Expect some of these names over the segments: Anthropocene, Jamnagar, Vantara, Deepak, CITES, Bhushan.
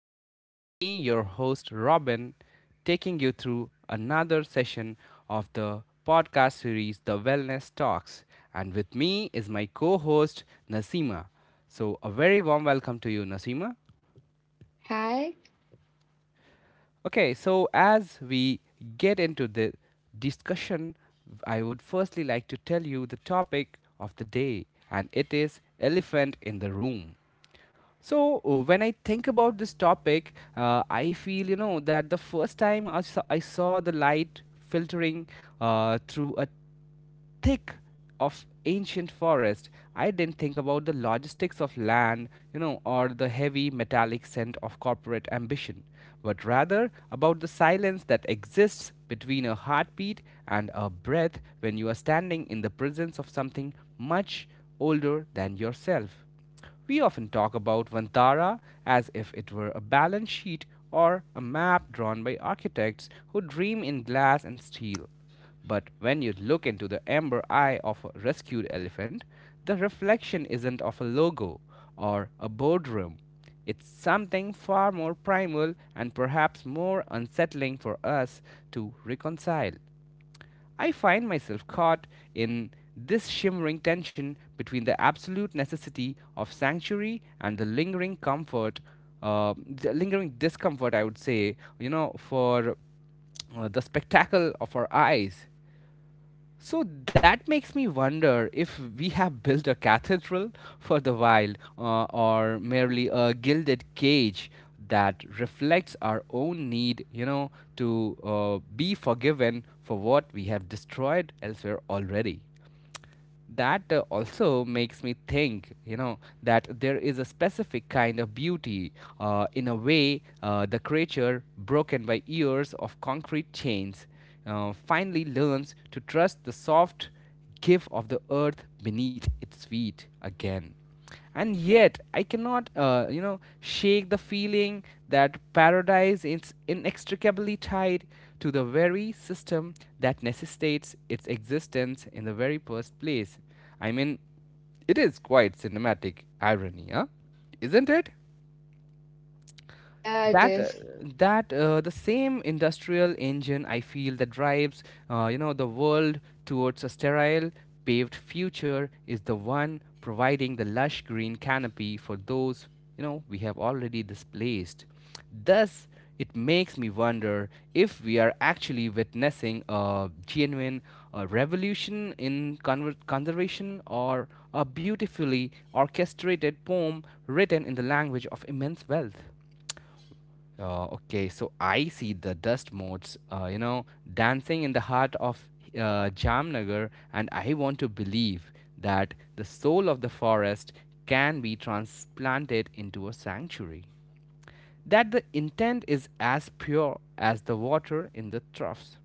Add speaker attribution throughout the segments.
Speaker 1: Today, it's me, your host, Robin, taking you through another session of the podcast series, The Wellness Talks. And with me is my co host, Nasima. So, a very warm welcome to you, Nasima.
Speaker 2: Hi.
Speaker 1: Okay, so as we get into the discussion, I would firstly like to tell you the topic of the day, and it is elephant in the room. So when I think about this topic, I feel you know that the first time I saw the light filtering through a thick of ancient forest, I didn't think about the logistics of land, you know, or the heavy metallic scent of corporate ambition, but rather about the silence that exists between a heartbeat and a breath when you are standing in the presence of something much older than yourself. We often talk about Vantara as if it were a balance sheet or a map drawn by architects who dream in glass and steel. But when you look into the amber eye of a rescued elephant, the reflection isn't of a logo or a boardroom. It's something far more primal and perhaps more unsettling for us to reconcile. I find myself caught in this shimmering tension between the absolute necessity of sanctuary and the lingering comfort, the lingering discomfort, I would say, you know, for the spectacle of our eyes. So that makes me wonder if we have built a cathedral for the wild or merely a gilded cage that reflects our own need, you know, to be forgiven for what we have destroyed elsewhere already. That also makes me think you know that there is a specific kind of beauty in a way the creature broken by years of concrete chains finally learns to trust the soft give of the earth beneath its feet again. And yet I cannot you know shake the feeling that paradise is inextricably tied to the very system that necessitates its existence in the very first place. I mean, it is quite cinematic irony, huh, isn't it?
Speaker 2: Yeah, it
Speaker 1: That
Speaker 2: is.
Speaker 1: that The same industrial engine, I feel, that drives you know the world towards a sterile paved future is the one providing the lush green canopy for those you know we have already displaced. Thus it makes me wonder if we are actually witnessing a genuine revolution in conservation — or a beautifully orchestrated poem written in the language of immense wealth. Okay, so I see the dust motes, you know, dancing in the heart of Jamnagar, and I want to believe that the soul of the forest can be transplanted into a sanctuary. That the intent is as pure as the water in the troughs,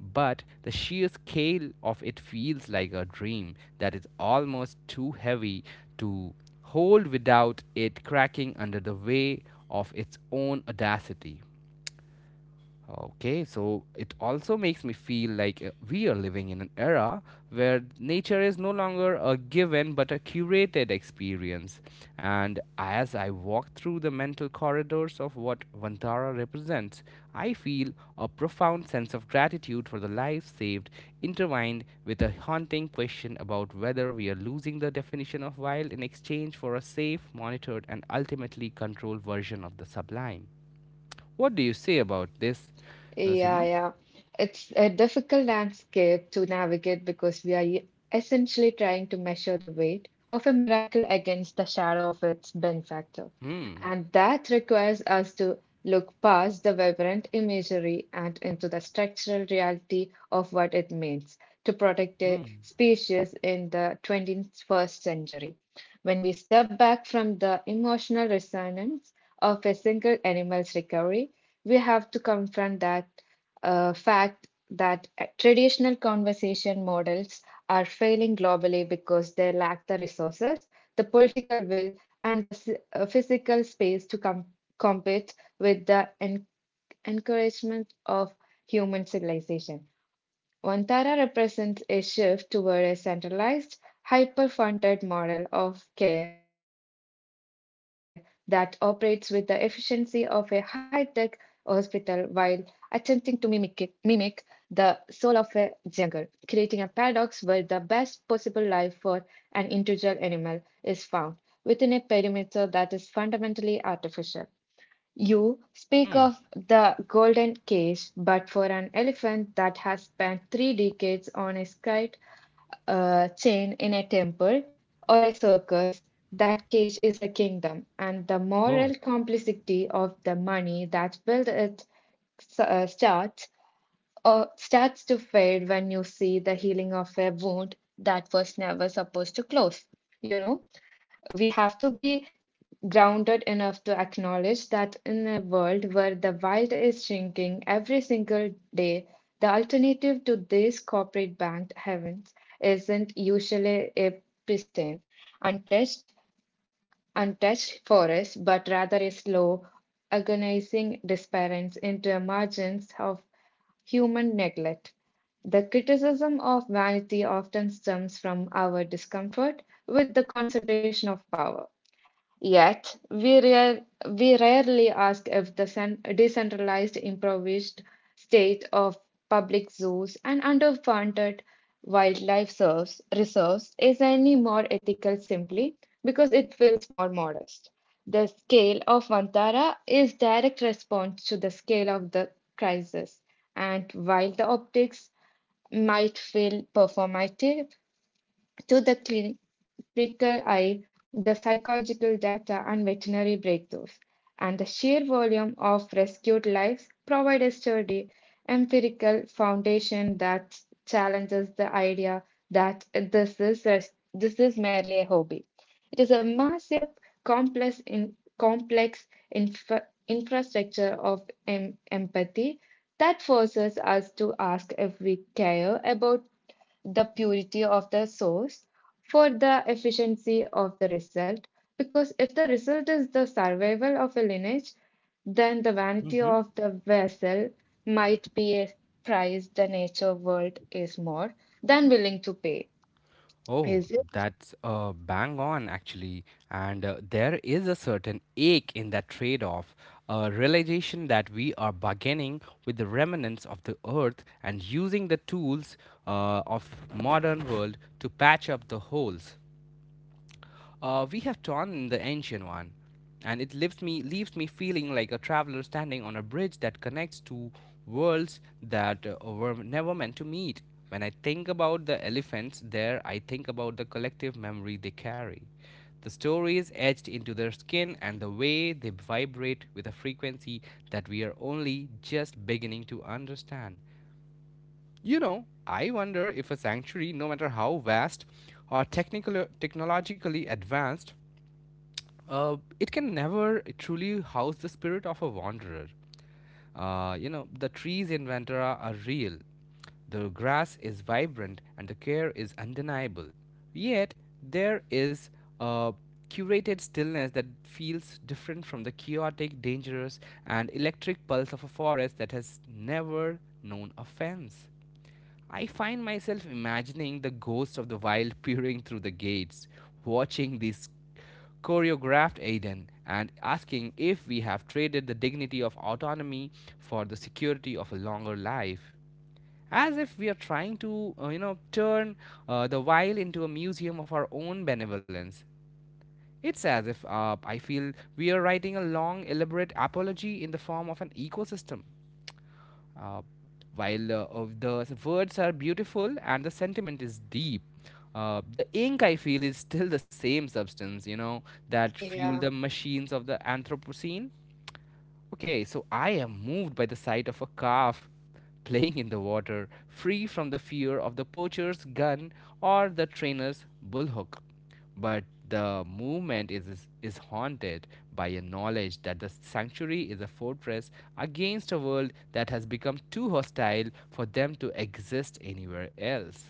Speaker 1: but the sheer scale of it feels like a dream that is almost too heavy to hold without it cracking under the weight of its own audacity. Okay, so it also makes me feel like we are living in an era where nature is no longer a given but a curated experience. And as I walk through the mental corridors of what Vantara represents, I feel a profound sense of gratitude for the lives saved, intertwined with a haunting question about whether we are losing the definition of wild in exchange for a safe, monitored, and ultimately controlled version of the sublime. What do you say about this,
Speaker 2: Yeah,
Speaker 1: Naseema?
Speaker 2: yeah. It's a difficult landscape to navigate because we are essentially trying to measure the weight of a miracle against the shadow of its benefactor.
Speaker 1: Hmm.
Speaker 2: And that requires us to look past the vibrant imagery and into the structural reality of what it means to protect a
Speaker 1: Hmm.
Speaker 2: species in the 21st century. When we step back from the emotional resonance of a single animal's recovery, we have to confront that a fact that traditional conversation models are failing globally because they lack the resources, the political will, and the physical space to compete with the encouragement of human civilization. Vantara represents a shift toward a centralized, hyper funded model of care that operates with the efficiency of a high tech hospital while attempting to mimic the soul of a jungle, creating a paradox where the best possible life for an individual animal is found within a perimeter that is fundamentally artificial. You speak
Speaker 1: Hmm.
Speaker 2: of the golden cage, but for an elephant that has spent 3 decades on a kite chain in a temple or a circus, that cage is a kingdom, and the moral
Speaker 1: Oh.
Speaker 2: complexity of the money that built it uh, starts starts to fade when you see the healing of a wound that was never supposed to close. You know, we have to be grounded enough to acknowledge that in a world where the wild is shrinking every single day, the alternative to these corporate banked heavens isn't usually a pristine, untouched, untouched forest, but rather a slow, agonizing disappearance into margins of human neglect. The criticism of vanity often stems from our discomfort with the concentration of power. Yet, we rarely ask if the decentralized, improvised state of public zoos and underfunded wildlife reserves is any more ethical simply because it feels more modest. The scale of Vantara is direct response to the scale of the crisis, and while the optics might feel performative to the fecal eye, the psychological data and veterinary breakthroughs, and the sheer volume of rescued lives provide a sturdy empirical foundation that challenges the idea that this is merely a hobby. It is a massive, complex, in, complex infrastructure of empathy that forces us to ask if we care about the purity of the source for the efficiency of the result. Because if the result is the survival of a lineage, then the vanity
Speaker 1: Mm-hmm.
Speaker 2: of the vessel might be a price the nature world is more than willing to pay.
Speaker 1: Oh,
Speaker 2: Is it?
Speaker 1: that's bang on actually. And there is a certain ache in that trade off, a realization that we are bargaining with the remnants of the earth and using the tools of modern world to patch up the holes. We have torn in the ancient one, and it leaves me feeling like a traveler standing on a bridge that connects two worlds that were never meant to meet. When I think about the elephants there, I think about the collective memory they carry. The stories etched into their skin and the way they vibrate with a frequency that we are only just beginning to understand. You know, I wonder if a sanctuary, no matter how vast or technologically advanced, it can never truly house the spirit of a wanderer. You know, the trees in Ventura are real. The grass is vibrant and the care is undeniable. Yet, there is a curated stillness that feels different from the chaotic, dangerous, and electric pulse of a forest that has never known a fence. I find myself imagining the ghost of the wild peering through the gates, watching this choreographed Aiden and asking if we have traded the dignity of autonomy for the security of a longer life. As if we are trying to, you know, turn the wild into a museum of our own benevolence. It's as if I feel we are writing a long, elaborate apology in the form of an ecosystem, uh, while of the words are beautiful and the sentiment is deep, the ink I feel is still the same substance, you know, that fueled the
Speaker 2: Yeah,
Speaker 1: machines of the Anthropocene. Okay, so I am moved by the sight of a calf playing in the water, free from the fear of the poacher's gun or the trainer's bullhook. But the movement is haunted by a knowledge that the sanctuary is a fortress against a world that has become too hostile for them to exist anywhere else.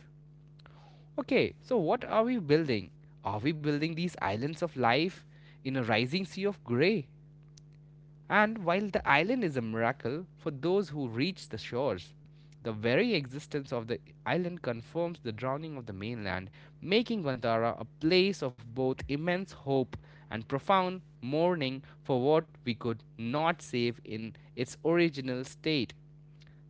Speaker 1: Okay, so what are we building? Are we building these islands of life in a rising sea of grey? And while the island is a miracle for those who reach the shores, the very existence of the island confirms the drowning of the mainland, making Vantara a place of both immense hope and profound mourning for what we could not save in its original state.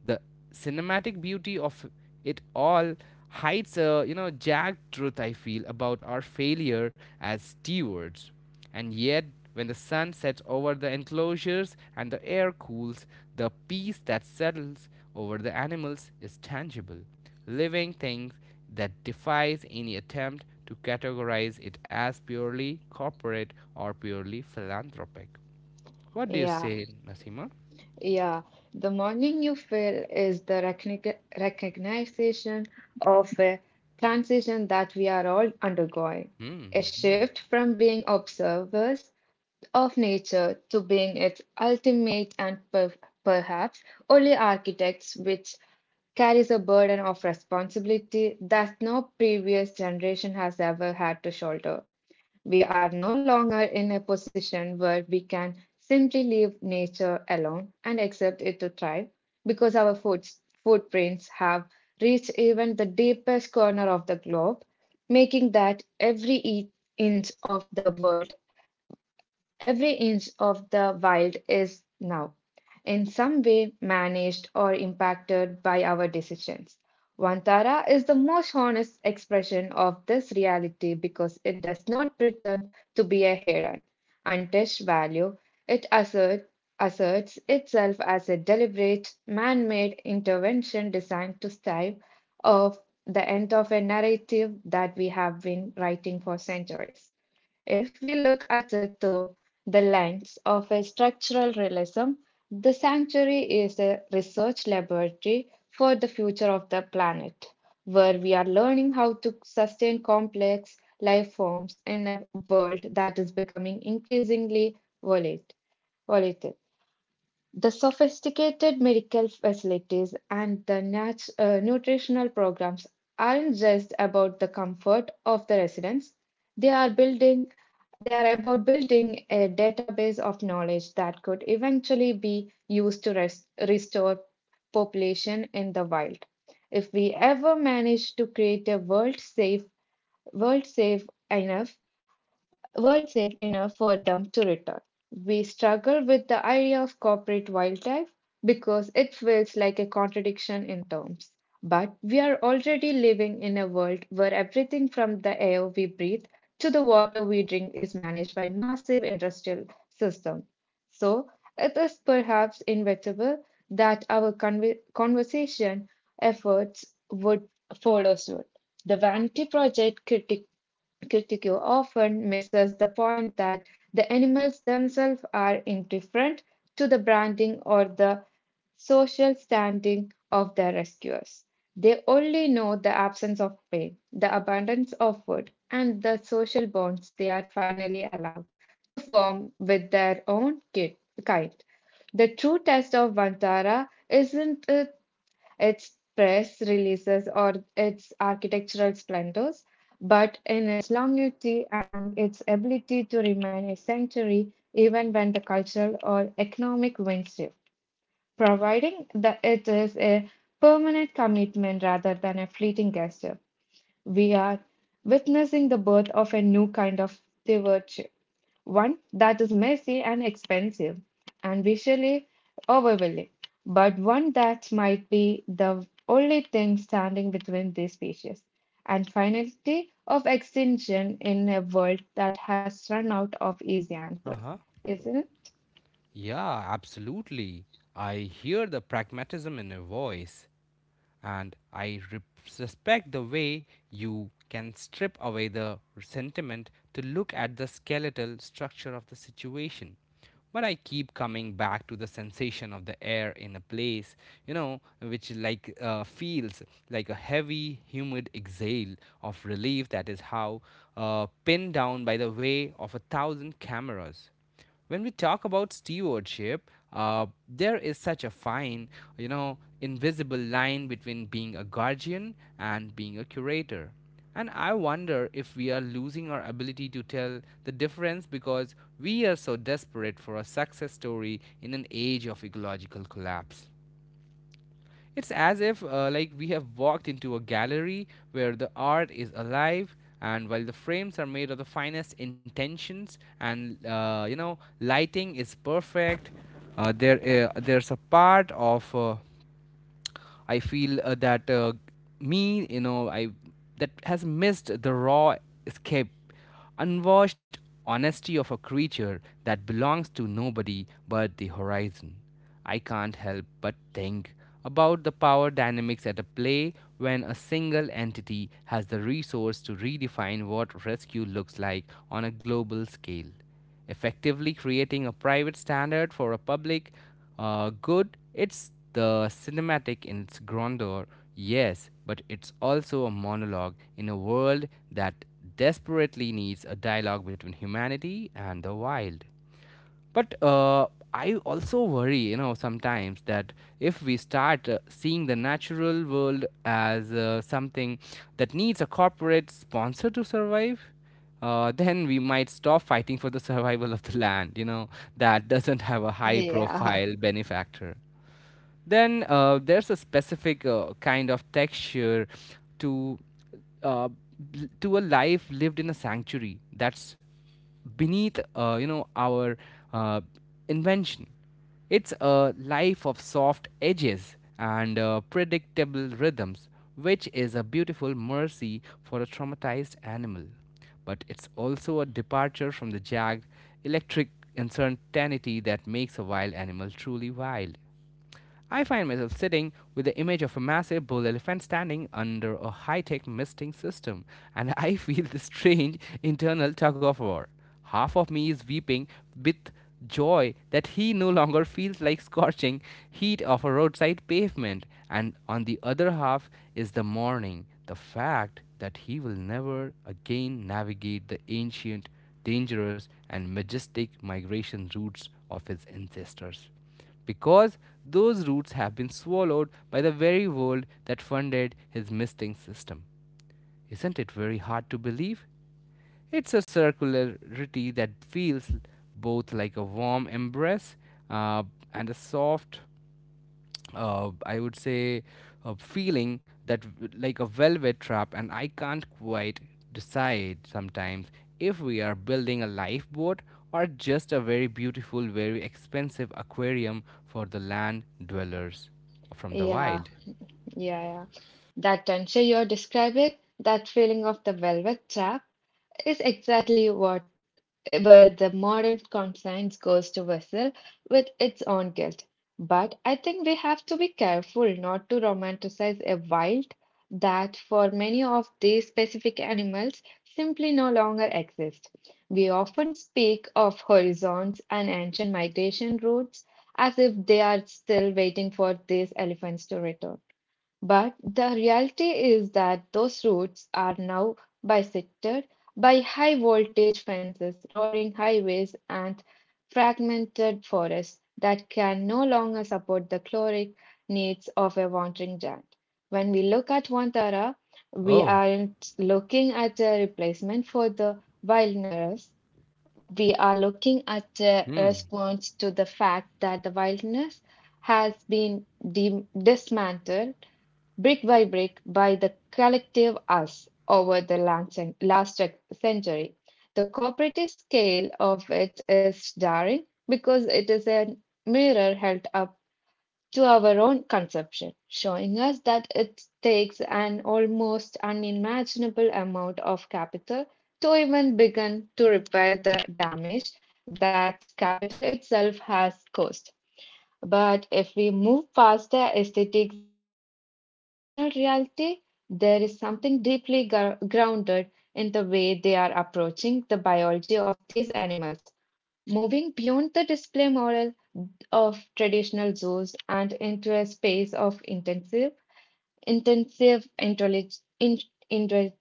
Speaker 1: The cinematic beauty of it all hides a you know jagged truth I feel about our failure as stewards. And yet, when the sun sets over the enclosures and the air cools, the peace that settles over the animals is tangible, living things that defies any attempt to categorize it as purely corporate or purely philanthropic. What do you
Speaker 2: yeah,
Speaker 1: say, Nasima?
Speaker 2: yeah. The morning you feel is the recognition of a transition that we are all undergoing, a
Speaker 1: Hmm.
Speaker 2: shift from being observers of nature to being its ultimate and perhaps only architects, which carries a burden of responsibility that no previous generation has ever had to shoulder. We are no longer in a position where we can simply leave nature alone and accept it to thrive, because our footprints have reached even the deepest corner of the globe, making that inch of the world every inch of the wild is now, in some way, managed or impacted by our decisions. Vantara is the most honest expression of this reality because it does not pretend to be a heron. Untish value, it assert, asserts itself as a deliberate, man made intervention designed to strive off the end of a narrative that we have been writing for centuries. If we look at it through the lens of a structural realism, the sanctuary is a research laboratory for the future of the planet, where we are learning how to sustain complex life forms in a world that is becoming increasingly volatile. The sophisticated medical facilities and the nutritional programs aren't just about the comfort of the residents. They are building, they are about building a database of knowledge that could eventually be used to restore population in the wild, if we ever manage to create a world safe enough weren't safe enough for them to return. We struggle with the idea of corporate wildlife because it feels like a contradiction in terms. But we are already living in a world where everything from the air we breathe to the water we drink is managed by massive industrial systems. So it is perhaps inevitable that our conversation efforts would follow suit. The vanity project critic Critique often misses the point that the animals themselves are indifferent to the branding or the social standing of their rescuers. They only know the absence of pain, the abundance of food, and the social bonds they are finally allowed to form with their own kind. The true test of Vantara isn't it its press releases or its architectural splendors, but in its longevity and its ability to remain a sanctuary even when the cultural or economic winds shift, providing that it is a permanent commitment rather than a fleeting gesture. We are witnessing the birth of a new kind of stewardship, one that is messy and expensive and visually overwhelming, but one that might be the only thing standing between these species and finality of extinction in a world that has run out of easy
Speaker 1: Uh
Speaker 2: answers,
Speaker 1: huh.
Speaker 2: isn't it?
Speaker 1: Yeah, absolutely. I hear the pragmatism in your voice, and I respect the way you can strip away the sentiment to look at the skeletal structure of the situation. But I keep coming back to the sensation of the air in a place, you know, which like feels like a heavy, humid exhale of relief that is how pinned down by the way of a thousand cameras. When we talk about stewardship, there is such a fine, you know, invisible line between being a guardian and being a curator. And I wonder if we are losing our ability to tell the difference because we are so desperate for a success story in an age of ecological collapse. It's as if like we have walked into a gallery where the art is alive, and while the frames are made of the finest intentions and you know lighting is perfect, there's a part of I feel that me, you know, I that has missed the raw escape, unwashed honesty of a creature that belongs to nobody but the horizon. I can't help but think about the power dynamics at a play when a single entity has the resource to redefine what rescue looks like on a global scale, effectively creating a private standard for a public good. It's the cinematic in its grandeur, yes, but it's also a monologue in a world that desperately needs a dialogue between humanity and the wild. But I also worry, you know, sometimes that if we start seeing the natural world as something that needs a corporate sponsor to survive, then we might stop fighting for the survival of the land, you know, that doesn't have a high
Speaker 2: Yeah,
Speaker 1: profile benefactor. Then there's a specific kind of texture to to a life lived in a sanctuary that's beneath you know our uh, invention. It's a life of soft edges and predictable rhythms, which is a beautiful mercy for a traumatized animal. But it's also a departure from the jagged, electric uncertainty that makes a wild animal truly wild. I find myself sitting with the image of a massive bull elephant standing under a high tech misting system, and I feel this strange internal tug of war. Half of me is weeping with joy that he no longer feels like scorching heat of a roadside pavement, and on the other half is the mourning, the fact that he will never again navigate the ancient, dangerous, and majestic migration routes of his ancestors because those roots have been swallowed by the very world that funded his misting system. Isn't it very hard to believe? It's a circularity that feels both like a warm embrace uh, and a soft uh, I would say, a feeling that like a velvet trap, and I can't quite decide sometimes if we are building a lifeboat or just a very beautiful, very expensive aquarium for the land dwellers from the
Speaker 2: yeah,
Speaker 1: wild.
Speaker 2: yeah, yeah. That tension you're describing, that feeling of the velvet trap, is exactly where the modern conscience goes to vessel with its own guilt. But I think we have to be careful not to romanticize a wild that for many of these specific animals simply no longer exist. We often speak of horizons and ancient migration routes as if they are still waiting for these elephants to return. But the reality is that those roads are now bisected by high voltage fences, roaring highways, and fragmented forests that can no longer support the caloric needs of a wandering giant. When we look at Wantara, we
Speaker 1: Oh.
Speaker 2: aren't looking at a replacement for the wilderness. We are looking at a
Speaker 1: Hmm.
Speaker 2: response to the fact that the wilderness has been dismantled brick by brick by the collective us over the last century. The cooperative scale of it is jarring because it is a mirror held up to our own conception, showing us that it takes an almost unimaginable amount of capital to even begin to repair the damage that capital itself has caused. But if we move past the aesthetics and look at the functional reality, there is something deeply grounded in the way they are approaching the biology of these animals, moving beyond the display model of traditional zoos and into a space of intensive, intensive intellig- in- inter-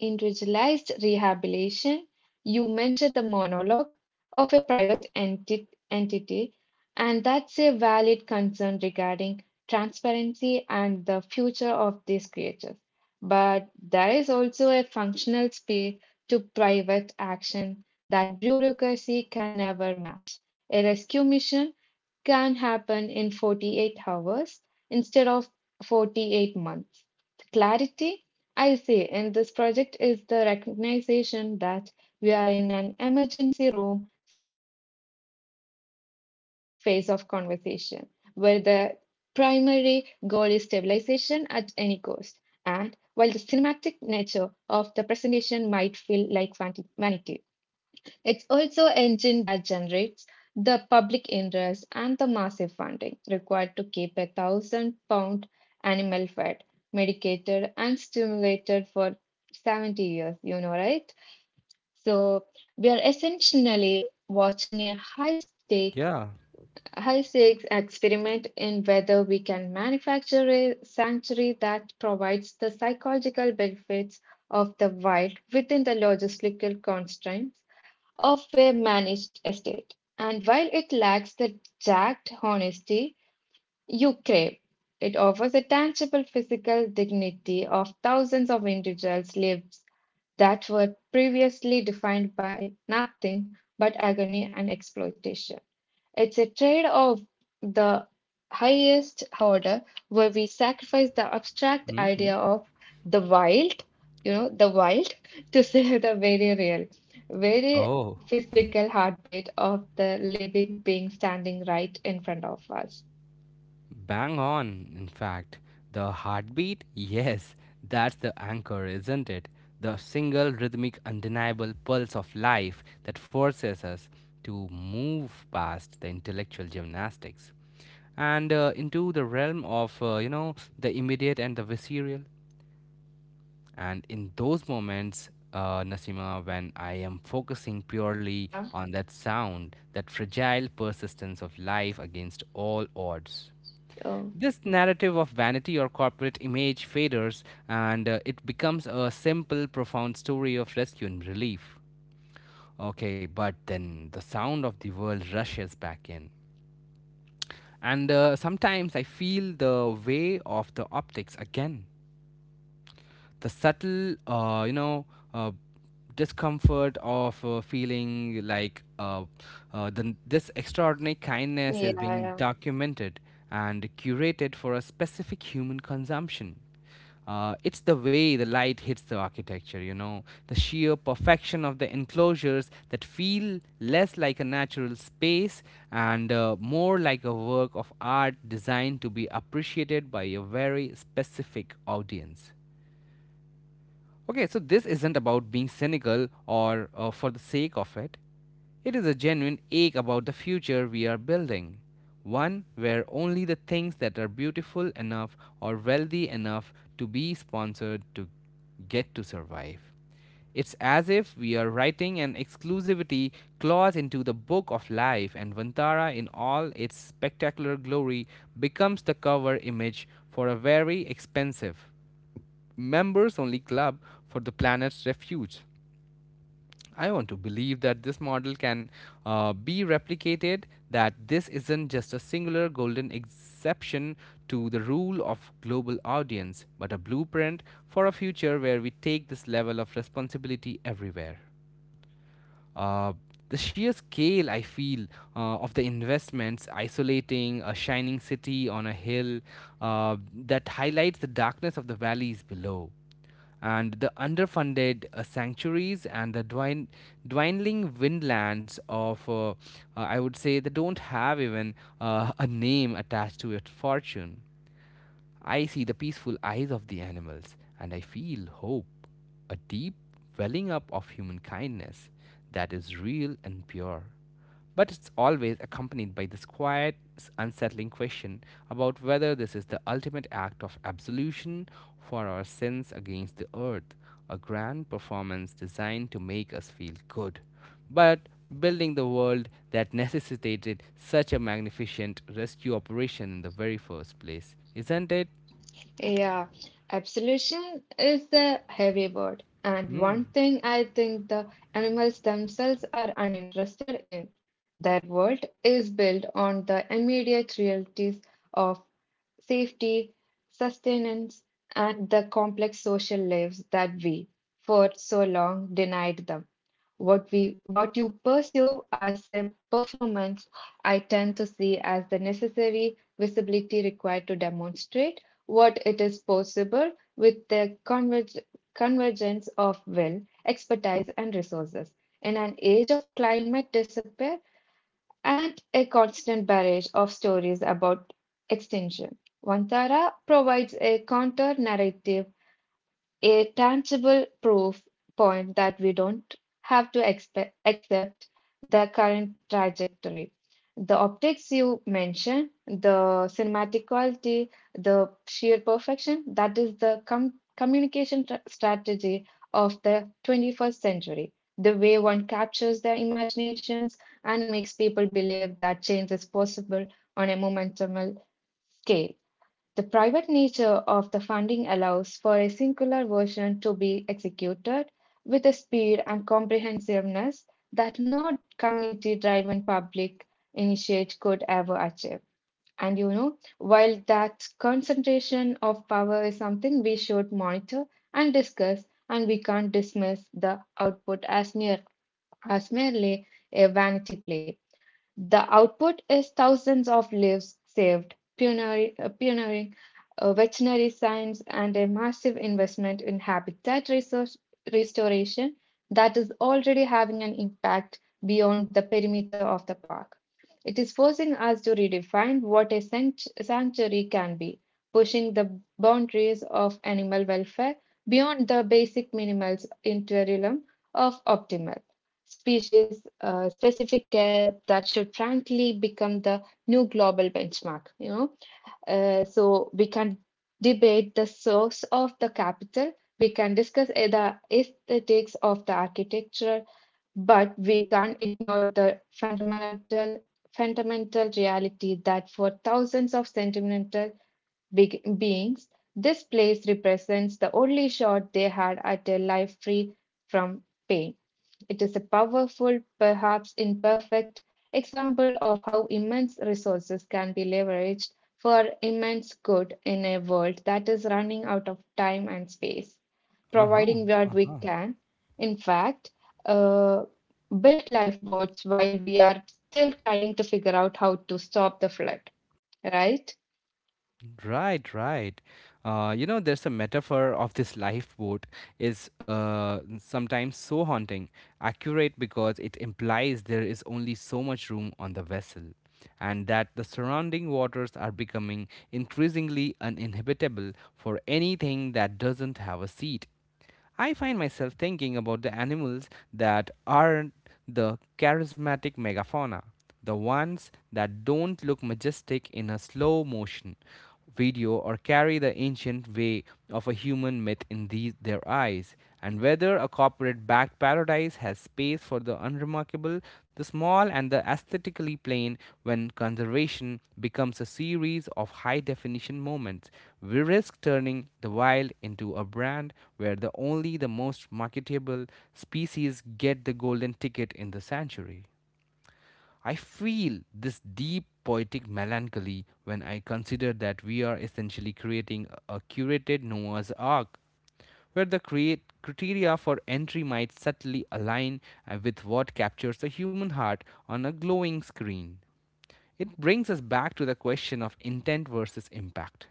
Speaker 2: individualized rehabilitation. You mentioned the monologue of a private entity, and that's a valid concern regarding transparency and the future of these creators. But there is also a functional space to private action that bureaucracy can never match. A rescue mission can happen in 48 hours instead of 48 months. The clarity I see in this project is the recognition that we are in an emergency room phase of conversation, where the primary goal is stabilization at any cost. And while the cinematic nature of the presentation might feel like vanity, it's also an engine that generates the public interest and the massive funding required to keep a 1,000 pound animal fed, medicated, and stimulated for 70 years, you know, right? So we are essentially watching a
Speaker 1: Yeah.
Speaker 2: high stakes experiment in whether we can manufacture a sanctuary that provides the psychological benefits of the wild within the logistical constraints of a managed estate. And while it lacks the exact honesty you crave, it offers a tangible physical dignity of thousands of individuals' lives that were previously defined by nothing but agony and exploitation. It's a trade of the highest order, where we sacrifice the abstract idea
Speaker 1: Hmm.
Speaker 2: of the wild, you know, the wild, to say the very real, very
Speaker 1: Oh.
Speaker 2: physical heartbeat of the living being standing right in front of us.
Speaker 1: Bang on, in fact. The heartbeat? Yes, that's the anchor, isn't it? The single rhythmic, undeniable pulse of life that forces us to move past the intellectual gymnastics and into the realm of, you know, the immediate and the visceral. And in those moments, Nasima, when I am focusing purely
Speaker 2: Yeah.
Speaker 1: on that sound, that fragile persistence of life against all odds.
Speaker 2: Oh,
Speaker 1: This narrative of vanity or corporate image faders and it becomes a simple, profound story of rescue and relief. Okay, but then the sound of the world rushes back in. And sometimes I feel the way of the optics again. The subtle uh, discomfort of feeling like the, this extraordinary kindness
Speaker 2: yeah,
Speaker 1: is being
Speaker 2: yeah.
Speaker 1: documented and curated for a specific human consumption. It's the way the light hits the architecture, you know, the sheer perfection of the enclosures that feel less like a natural space and more like a work of art designed to be appreciated by a very specific audience. Okay, so this isn't about being cynical or for the sake of it. It is a genuine ache about the future we are building. One where only the things that are beautiful enough or wealthy enough to be sponsored to get to survive. It's as if we are writing an exclusivity clause into the book of life, and Vantara, in all its spectacular glory, becomes the cover image for a very expensive, members only club for the planet's refuge. I want to believe that this model can be replicated, that this isn't just a singular golden exception to the rule of global audience, but a blueprint for a future where we take this level of responsibility everywhere. Uh, the sheer scale I feel of the investments isolating a shining city on a hill that highlights the darkness of the valleys below and the underfunded sanctuaries and the dwindling windlands of, I would say, they don't have even a name attached to its fortune. I see the peaceful eyes of the animals, and I feel hope, a deep welling up of human kindness that is real and pure. But it's always accompanied by this quiet, unsettling question about whether this is the ultimate act of absolution for our sins against the earth, a grand performance designed to make us feel good but building the world that necessitated such a magnificent rescue operation in the very first place, isn't it?
Speaker 2: Yeah. Absolution is a heavy word, and
Speaker 1: Hmm.
Speaker 2: one thing I think the animals themselves are uninterested in. Their world is built on the immediate realities of safety, sustenance, and the complex social lives that we, for so long, denied them. What you perceive as a performance, I tend to see as the necessary visibility required to demonstrate what it is possible with the convergence of will, expertise, and resources. In an age of climate despair, and a constant barrage of stories about extinction, Vantara provides a counter narrative, a tangible proof point that we don't have to accept the current trajectory. The optics you mentioned, the cinematic quality, the sheer perfection, that is the communication strategy of the 21st century. The way one captures their imaginations and makes people believe that change is possible on a momentum scale. The private nature of the funding allows for a singular version to be executed with a speed and comprehensiveness that no committee driven public initiate could ever achieve. While that concentration of power is something we should monitor and discuss, and we can't dismiss the output as merely a vanity play. The output is thousands of lives saved, pioneering, pioneering veterinary science, and a massive investment in habitat resource restoration that is already having an impact beyond the perimeter of the park. It is forcing us to redefine what a sanctuary can be, pushing the boundaries of animal welfare beyond the basic minimals into a realm of optimal species specific care that should frankly become the new global benchmark. So we can debate the source of the capital, we can discuss the aesthetics of the architecture, but we can't ignore the fundamental reality that for thousands of sentimental beings, this place represents the only shot they had at a life free from pain. It is a powerful, perhaps imperfect, example of how immense resources can be leveraged for immense good in a world that is running out of time and space,
Speaker 1: Uh-huh.
Speaker 2: providing what we
Speaker 1: Uh-huh.
Speaker 2: can. In fact, uh, build lifeboats while we are still trying to figure out how to stop the flood, right?
Speaker 1: Right, right. You know, there's a metaphor of this lifeboat is sometimes so haunting, accurate because it implies there is only so much room on the vessel, and that the surrounding waters are becoming increasingly uninhabitable for anything that doesn't have a seat. I find myself thinking about the animals that aren't the charismatic megafauna, the ones that don't look majestic in a slow motion video or carry the ancient way of a human myth in these, their eyes, and whether a corporate backed paradise size has space for the unremarkable, the small, and the aesthetically plain when conservation becomes a series of high definition moments. We risk turning the wild into a brand where the only the most marketable species get the golden ticket in the sanctuary. I feel this deep poetic melancholy when I consider that we are essentially creating a curated Noah's Ark where the create criteria for entry might subtly align with what captures the human heart on a glowing screen. It brings us back to the question of intent versus impact.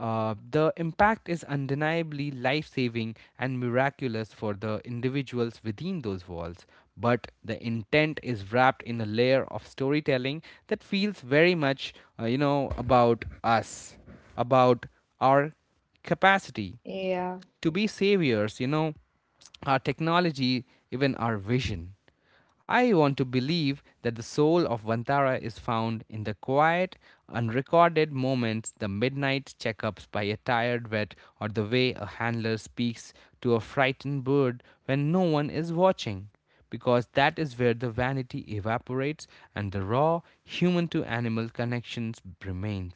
Speaker 1: The impact is undeniably life saving and miraculous for the individuals within those walls, but the intent is wrapped in a layer of storytelling that feels very much, you know, about us, about our capacity
Speaker 2: Yeah.
Speaker 1: to be saviors, you know, our technology, even our vision. I want to believe that the soul of Vantara is found in the quiet, unrecorded moments, the midnight checkups by a tired vet, or the way a handler speaks to a frightened bird when no one is watching. Because that is where the vanity evaporates and the raw human to animal connections remains.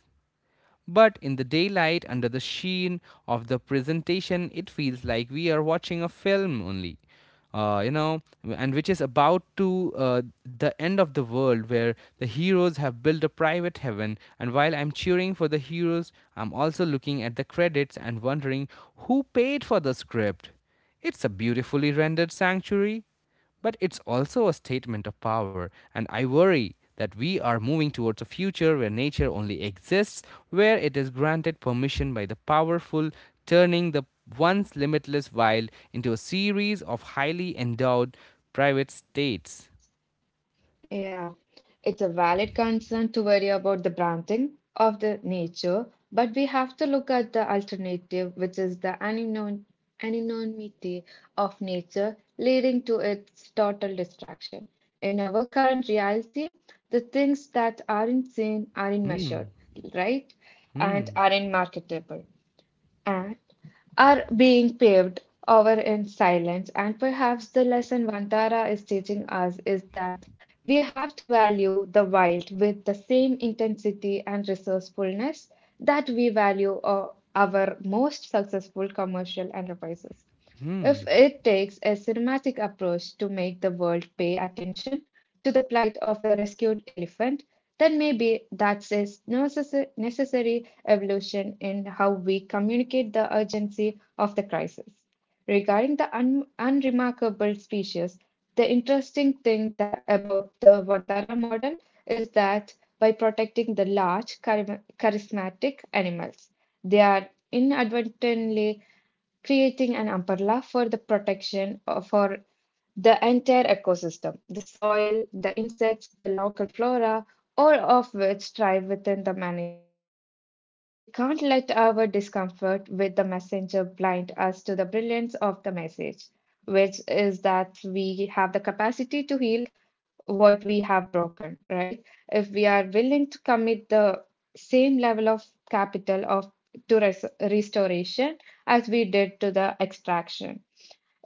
Speaker 1: But in the daylight, under the sheen of the presentation, it feels like we are watching a film only. Uh, you know, and which is about to the end of the world where the heroes have built a private heaven. And while I'm cheering for the heroes, I'm also looking at the credits and wondering who paid for the script. It's a beautifully rendered sanctuary but it's also a statement of power, and I worry that we are moving towards a future where nature only exists, where it is granted permission by the powerful, turning the once limitless wild into a series of highly endowed private states.
Speaker 2: Yeah, it's a valid concern to worry about the branding of the nature, but we have to look at the alternative, which is the anonymity of nature, leading to its total distraction. In our current reality, the things that aren't seen aren't measured,
Speaker 1: Hmm.
Speaker 2: right? And
Speaker 1: Hmm.
Speaker 2: aren't marketable are being paved over in silence. And perhaps the lesson Vantara is teaching us is that we have to value the wild with the same intensity and resourcefulness that we value our most successful commercial enterprises.
Speaker 1: Hmm.
Speaker 2: If it takes a cinematic approach to make the world pay attention to the plight of a rescued elephant, then maybe that's a necessary evolution in how we communicate the urgency of the crisis. Regarding the unremarkable species, the interesting thing that about the Vantara model is that by protecting the large, charismatic animals, they are inadvertently creating an umbrella for the protection for the entire ecosystem, the soil, the insects, the local flora, all of which thrive within the managed safety. We can't let our discomfort with the messenger blind us to the brilliance of the message, which is that we have the capacity to heal what we have broken, right? If we are willing to commit the same level of capital of to restoration as we did to the extraction.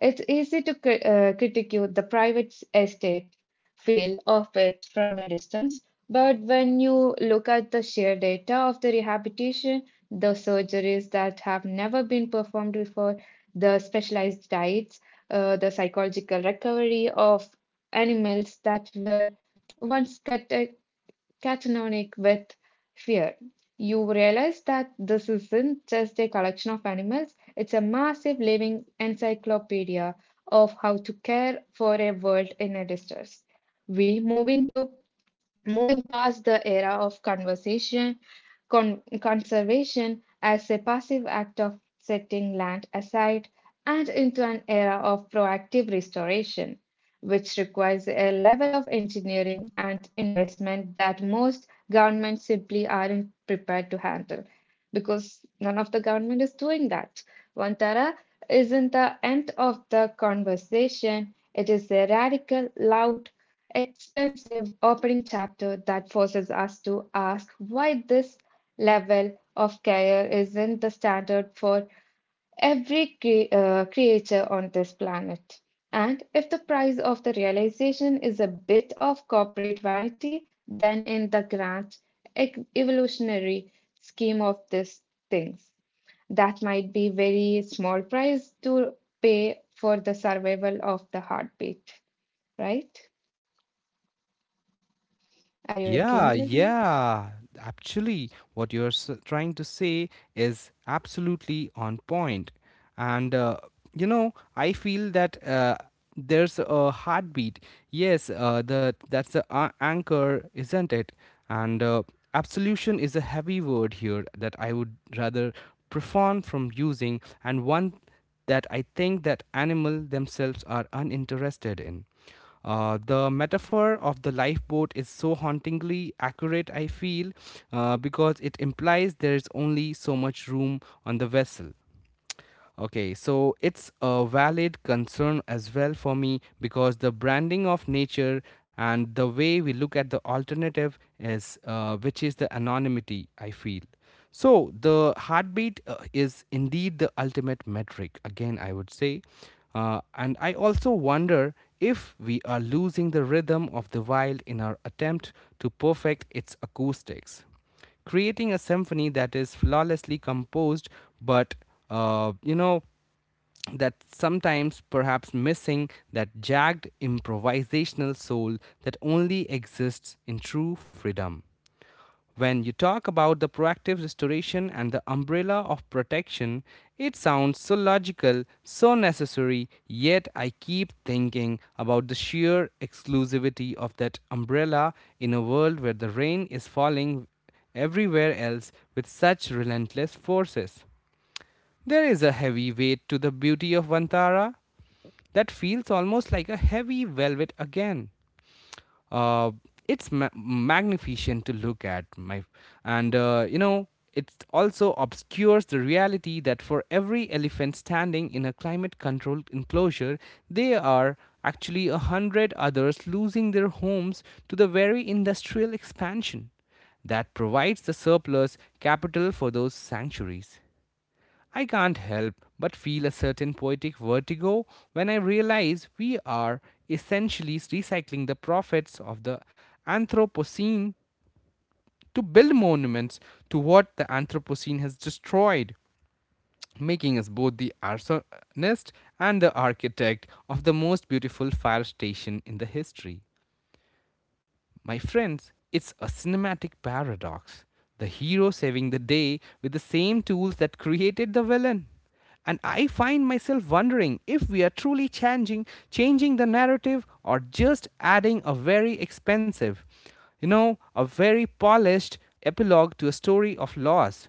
Speaker 2: It's easy to critique the private estate feel of it from a distance, but when you look at the sheer data of the rehabilitation, the surgeries that have never been performed before, the specialized diets, the psychological recovery of animals that were once catonic with fear. You realize that this isn't just a collection of animals, it's a massive living encyclopedia of how to care for a world in a distress. We moving to Moving past the era of conservation as a passive act of setting land aside and into an era of proactive restoration, which requires a level of engineering and investment that most governments simply aren't prepared to handle because none of the government is doing that. Vantara isn't the end of the conversation, it is a radical, loud, expensive opening chapter that forces us to ask why this level of care isn't the standard for every creature on this planet. And if the price of the realization is a bit of corporate vanity, then in the grand evolutionary scheme of these things, that might be very small price to pay for the survival of the heartbeat, right? Are you
Speaker 1: Yeah,
Speaker 2: agreeing with me?
Speaker 1: yeah. Actually, what trying to say is absolutely on point. And, you know, I feel that there's a heartbeat. Yes, the that's the anchor, isn't it? And absolution is a heavy word here that I would rather profound from using, and one that I think that animal themselves are uninterested in. The metaphor of the lifeboat is so hauntingly accurate, I feel, because it implies there is only so much room on the vessel. Okay, so it's a valid concern as well for me because the branding of nature and the way we look at the alternative is, which is the anonymity, I feel. So the heartbeat is indeed the ultimate metric, again, I would say. And I also wonder if we are losing the rhythm of the wild in our attempt to perfect its acoustics, creating a symphony that is flawlessly composed but uh, you know that sometimes perhaps missing that jagged improvisational soul that only exists in true freedom. When you talk about the proactive restoration and the umbrella of protection, it sounds so logical, so necessary, yet I keep thinking about the sheer exclusivity of that umbrella in a world where the rain is falling everywhere else with such relentless forces. There is a heavy weight to the beauty of Vantara that feels almost like a heavy velvet again. uh, it's magnificent to look at my, and you know, it also obscures the reality that for every elephant standing in a climate controlled enclosure there are actually 100 others losing their homes to the very industrial expansion that provides the surplus capital for those sanctuaries. I can't help but feel a certain poetic vertigo when I realize we are essentially recycling the profits of the Anthropocene to build monuments to what the Anthropocene has destroyed, making us both the arsonist and the architect of the most beautiful fire station in the history. My friends, it's a cinematic paradox. The hero saving the day with the same tools that created the villain. And I find myself wondering if we are truly changing the narrative or just adding a very expensive, you know, a very polished epilogue to a story of loss.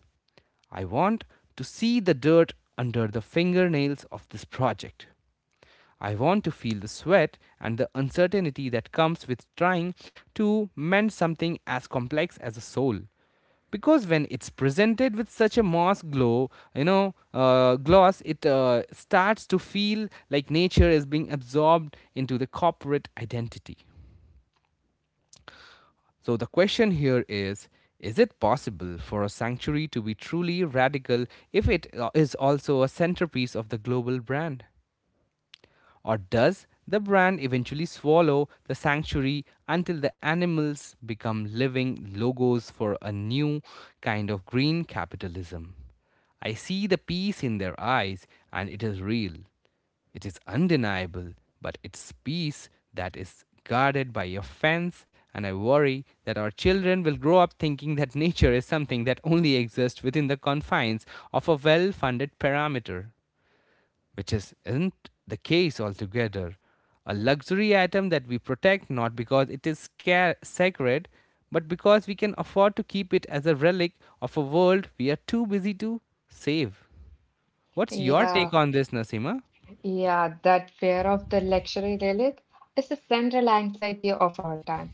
Speaker 1: I want to see the dirt under the fingernails of this project. I want to feel the sweat and the uncertainty that comes with trying to mend something as complex as a soul. Because when it's presented with such a moss glow, you know, gloss, it starts to feel like nature is being absorbed into the corporate identity. So the question here is it possible for a sanctuary to be truly radical if it is also a centerpiece of the global brand? Or does the brand eventually swallow the sanctuary until the animals become living logos for a new kind of green capitalism? I see the peace in their eyes, and it is real. It is undeniable, but it's peace that is guarded by a fence, and I worry that our children will grow up thinking that nature is something that only exists within the confines of a well funded parameter, which is, isn't the case altogether. A luxury item that we protect not because it is sacred, but because we can afford to keep it as a relic of a world we are too busy to save. What's your
Speaker 2: Yeah,
Speaker 1: take on this, Nazima?
Speaker 2: yeah, that fear of the luxury relic is the central anxiety of our time.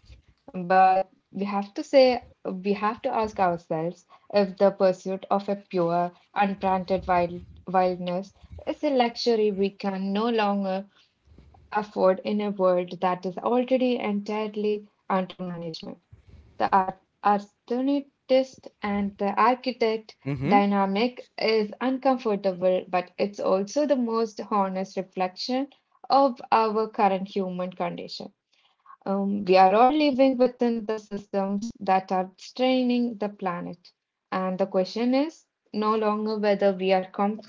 Speaker 2: But we have to say, We have to ask ourselves if the pursuit of a pure, unbranded wildness is a luxury we can no longer afford in a world that is already entirely under management. The arsonist and the architect
Speaker 1: Mm-hmm.
Speaker 2: dynamic is uncomfortable, but it's also the most honest reflection of our current human condition. We are all living within the systems that are straining the planet. And the question is no longer whether we are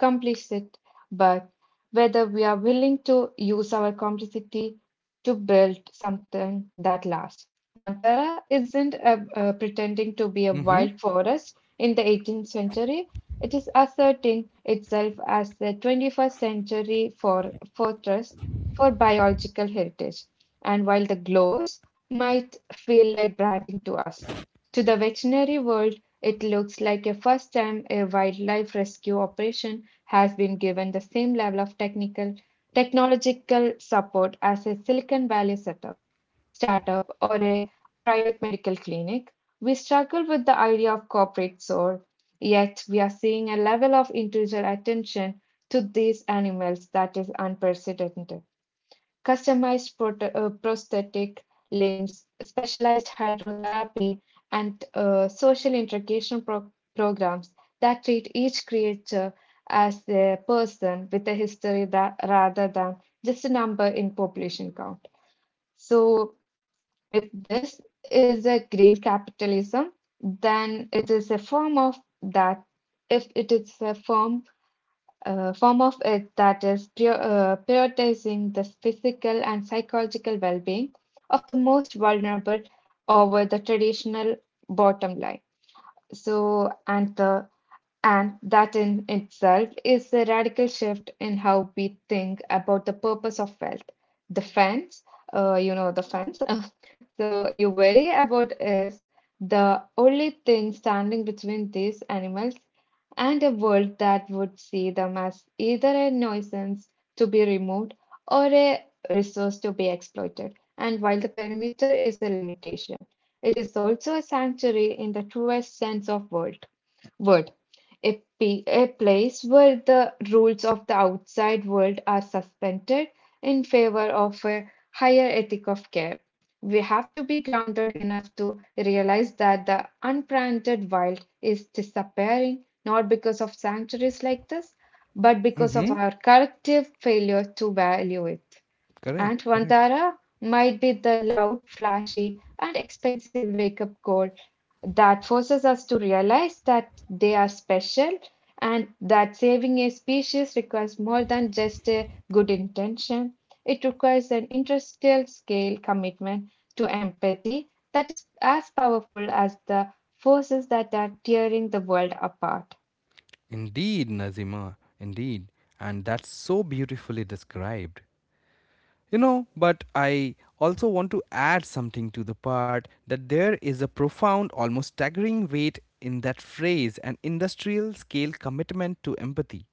Speaker 2: complicit, but whether we are willing to use our complicity to build something that lasts. Vantara isn't a pretending to be a
Speaker 1: Mm-hmm.
Speaker 2: wild forest in the 18th century. It is asserting itself as the 21st century for fortress for biological heritage, and while the glows might feel like branding to us, to the veterinary world, it looks like a first time a wildlife rescue operation has been given the same level of technical technological support as a Silicon Valley setup, startup or a private medical clinic. We struggle with the idea of corporate soul, yet we are seeing a level of individual attention to these animals that is unprecedented, customized prosthetic limbs, specialized hydrotherapy, and social integration programs that treat each creature as a person with a history that, rather than just a number in population count. So, if this is a green capitalism, then it is a form of that. If it is a form form of it that is prioritizing the physical and psychological well being of the most vulnerable over the traditional bottom line. So, and the and that in itself is a radical shift in how we think about the purpose of wealth. The fence, the fence you worry about is the only thing standing between these animals and a world that would see them as either a nuisance to be removed or a resource to be exploited. And while the perimeter is a limitation, it is also a sanctuary in the truest sense of word. Word. A place where the rules of the outside world are suspended in favor of a higher ethic of care. We have to be grounded enough to realize that the unplanted wild is disappearing not because of sanctuaries like this, but because
Speaker 1: Mm-hmm.
Speaker 2: of our collective failure to value it. And
Speaker 1: Correct. Correct.
Speaker 2: Vantara might be the loud, flashy, and expensive wake up call that forces us to realize that they are special and that saving a species requires more than just a good intention. It requires an industrial scale commitment to empathy that is as powerful as the forces that are tearing the world apart.
Speaker 1: Indeed, Nazima, indeed. And that's so beautifully described. But I also want to add something to the part that there is a profound, almost staggering weight in that phrase an industrial scale commitment to empathy.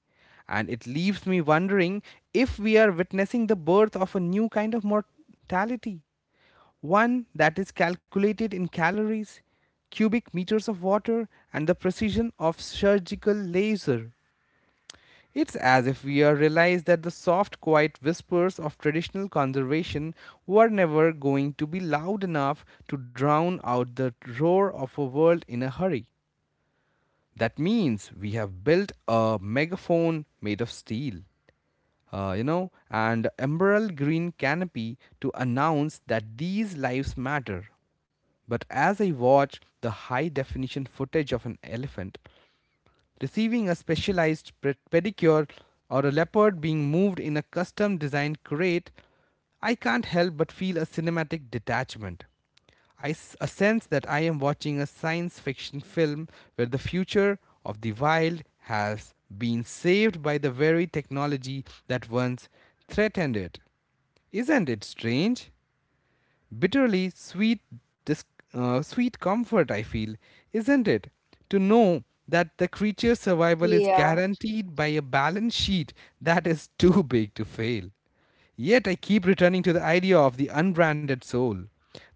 Speaker 1: And it leaves me wondering if we are witnessing the birth of a new kind of mortality, one that is calculated in calories, cubic meters of water, and the precision of surgical laser. It's as if we are realized that the soft, quiet whispers of traditional conservation were never going to be loud enough to drown out the roar of a world in a hurry. That means we have built a megaphone made of steel, and emerald green canopy to announce that these lives matter. But as I watch the high definition footage of an elephant, receiving a specialized pedicure or a leopard being moved in a custom designed crate, I can't help but feel a cinematic detachment. A sense that I am watching a science fiction film where the future of the wild has been saved by the very technology that once threatened it. Isn't it strange? Bitterly sweet, dis- sweet comfort, I feel, isn't it? To know that the creature's survival is
Speaker 2: Yeah,
Speaker 1: guaranteed by a balance sheet that is too big to fail. Yet I keep returning to the idea of the unbranded soul,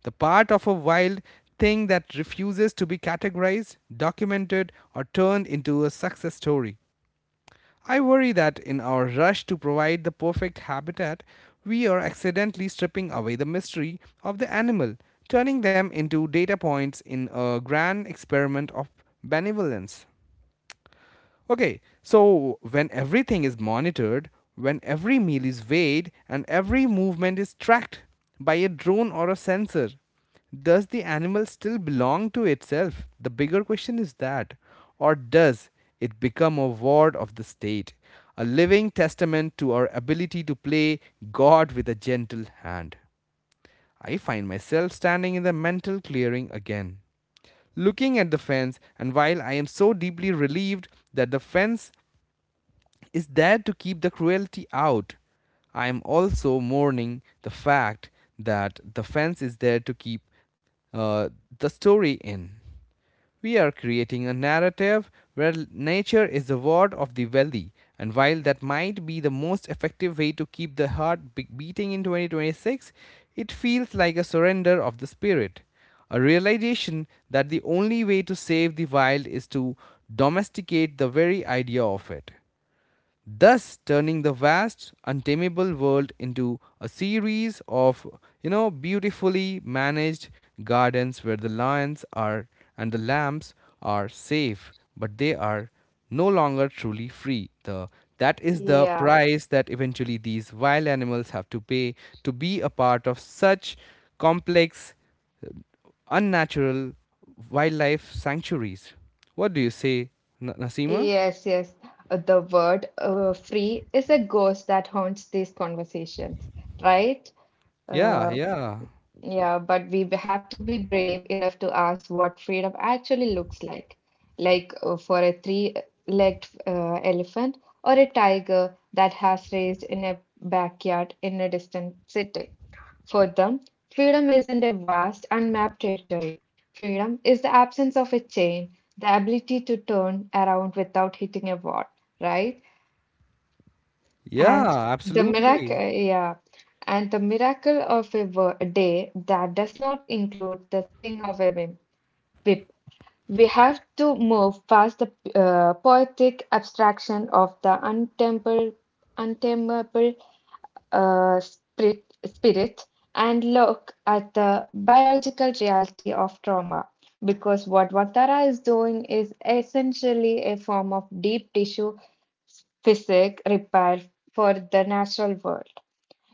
Speaker 1: the part of a wild thing that refuses to be categorized, documented, or turned into a success story. I worry that in our rush to provide the perfect habitat, we are accidentally stripping away the mystery of the animal, turning them into data points in a grand experiment of benevolence. Okay, so when everything is monitored, when every meal is weighed, and every movement is tracked by a drone or a sensor, does the animal still belong to itself? The bigger question is that. Or does it become a ward of the state, a living testament to our ability to play God with a gentle hand? I find myself standing in the mental clearing again, looking at the fence, and while I am so deeply relieved that the fence is there to keep the cruelty out, I am also mourning the fact that the fence is there to keep uh, the story in. We are creating a narrative where nature is the ward of the wealthy, and while that might be the most effective way to keep the heart beating in 2026, it feels like a surrender of the spirit. A realization that the only way to save the wild is to domesticate the very idea of it, thus turning the vast untamable world into a series of beautifully managed gardens where the lions are and the lambs are safe, but they are no longer truly free. The That is the
Speaker 2: yeah.
Speaker 1: price that eventually these wild animals have to pay to be a part of such complex, unnatural wildlife sanctuaries. What do you say, Nasima?
Speaker 2: Yes, yes. The word free is a ghost that haunts these conversations, right?
Speaker 1: Yeah, yeah.
Speaker 2: Yeah, but we have to be brave enough to ask what freedom actually looks like. Like for a three-legged elephant or a tiger that has raised in a backyard in a distant city. For them, freedom isn't a vast, unmapped territory. Freedom is the absence of a chain, the ability to turn around without hitting a wall, right? And
Speaker 1: Yeah,
Speaker 2: the miracle,
Speaker 1: absolutely.
Speaker 2: yeah, and the miracle of a a day that does not include the sting of a whip. We have to move past the poetic abstraction of the untamable spirit and look at the biological reality of trauma. Because what Vatara is doing is essentially a form of deep tissue physic repair for the natural world.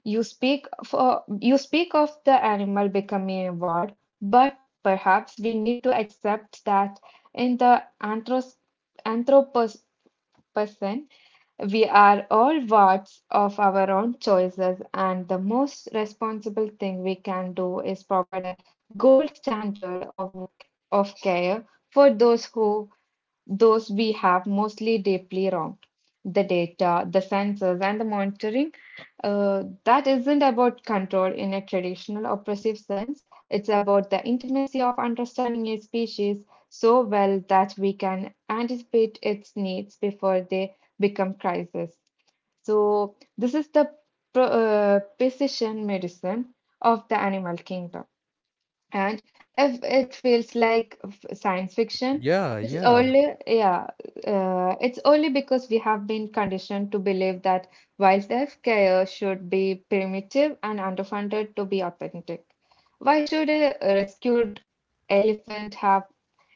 Speaker 2: You speak of the animal becoming a word, but perhaps we need to accept that in the Anthropocene we are all wards of our own choices, and the most responsible thing we can do is provide a gold standard of care for those we have mostly deeply wrong. The data, the sensors, and the monitoring. That isn't about control in a traditional oppressive sense. It's about the intimacy of understanding a species so well that we can anticipate its needs before they become crises. So, this is the precision medicine of the animal kingdom. And if it feels like science fiction,
Speaker 1: Yeah,
Speaker 2: it's
Speaker 1: yeah.
Speaker 2: only, yeah, it's only because we have been conditioned to believe that wildlife care should be primitive and underfunded to be authentic. Why should a rescued elephant have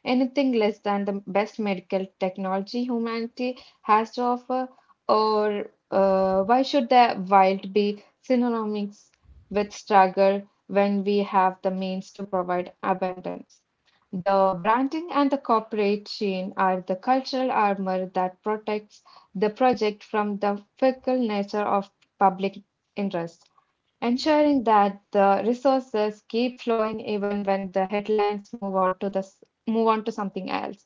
Speaker 2: anything less than the best medical technology humanity has to offer, or why should the wild be synonymous with struggle when we have the means to provide abundance? The branding and the corporate chain are the cultural armor that protects the project from the fickle nature of public interest, ensuring that the resources keep flowing even when the headlines move on to something else.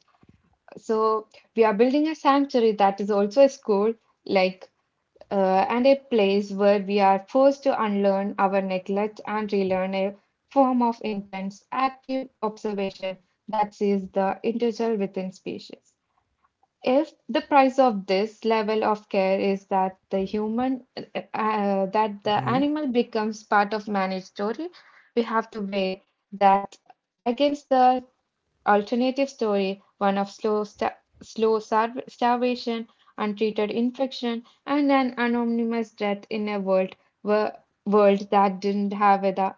Speaker 2: So we are building a sanctuary that is also a school, like and a place where we are forced to unlearn our neglect and relearn a form of intense, active observation that sees the individual within species. If the price of this level of care is that that the
Speaker 1: Hmm.
Speaker 2: animal becomes part of managed story, we have to weigh that against the alternative story, one of slow starvation, untreated infection, and an anonymous death in a where, world that didn't have a,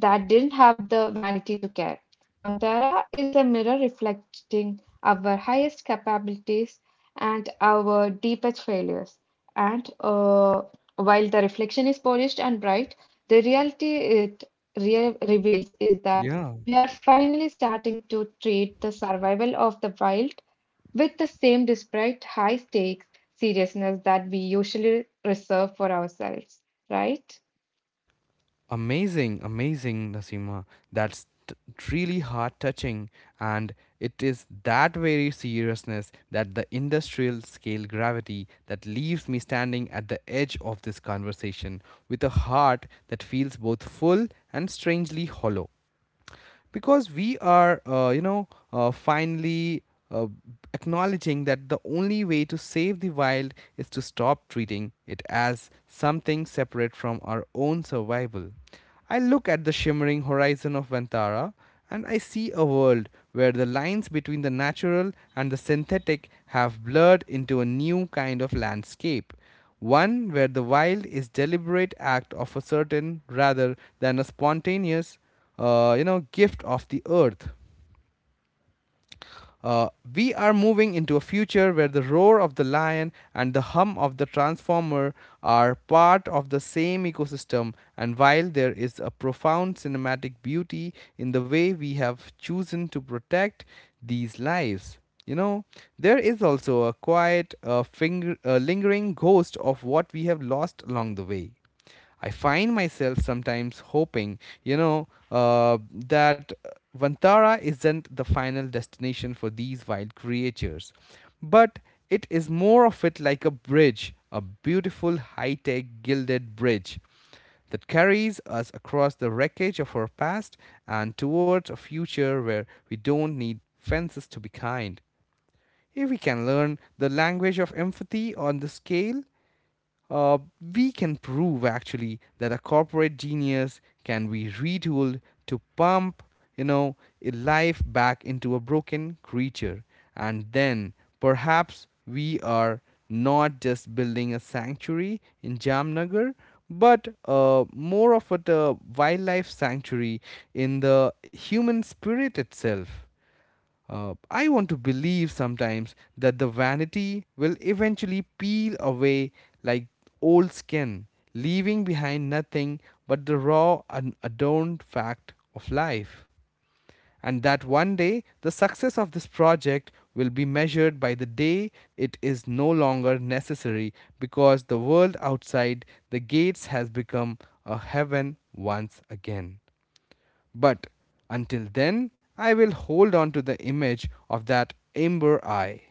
Speaker 2: that didn't have the vanity to care. Vantara is a mirror reflecting our highest capabilities and our deepest failures. And while the reflection is polished and bright, the reality it reveals is that
Speaker 1: Yeah.
Speaker 2: we are finally starting to treat the survival of the wild with the same desperate high stakes seriousness that we usually reserve for ourselves, right?
Speaker 1: Amazing, amazing, Nasima. That's t Really heart touching. And it is that very seriousness, that the industrial scale gravity that leaves me standing at the edge of this conversation with a heart that feels both full and strangely hollow, because we are finally uh, acknowledging that the only way to save the wild is to stop treating it as something separate from our own survival. I look at the shimmering horizon of Vantara, and I see a world where the lines between the natural and the synthetic have blurred into a new kind of landscape, one where the wild is deliberate act of a certain rather than a spontaneous gift of the earth. uh, we are moving into a future where the roar of the lion and the hum of the transformer are part of the same ecosystem, and while there is a profound cinematic beauty in the way we have chosen to protect these lives, you know, there is also a quiet, lingering ghost of what we have lost along the way. I find myself sometimes hoping that Vantara isn't the final destination for these wild creatures, but it is more of it like a bridge, a beautiful high tech gilded bridge that carries us across the wreckage of our past and towards a future where we don't need fences to be kind. If we can learn the language of empathy on the scale, uh, we can prove actually that a corporate genius can be retooled to pump you know a life back into a broken creature, and then perhaps we are not just building a sanctuary in Jamnagar, but more of a wildlife sanctuary in the human spirit itself. I want to believe sometimes that the vanity will eventually peel away like old skin, leaving behind nothing but the raw and adorned fact of life. And that one day the success of this project will be measured by the day it is no longer necessary because the world outside the gates has become a heaven once again. But until then, I will hold on to the image of that amber eye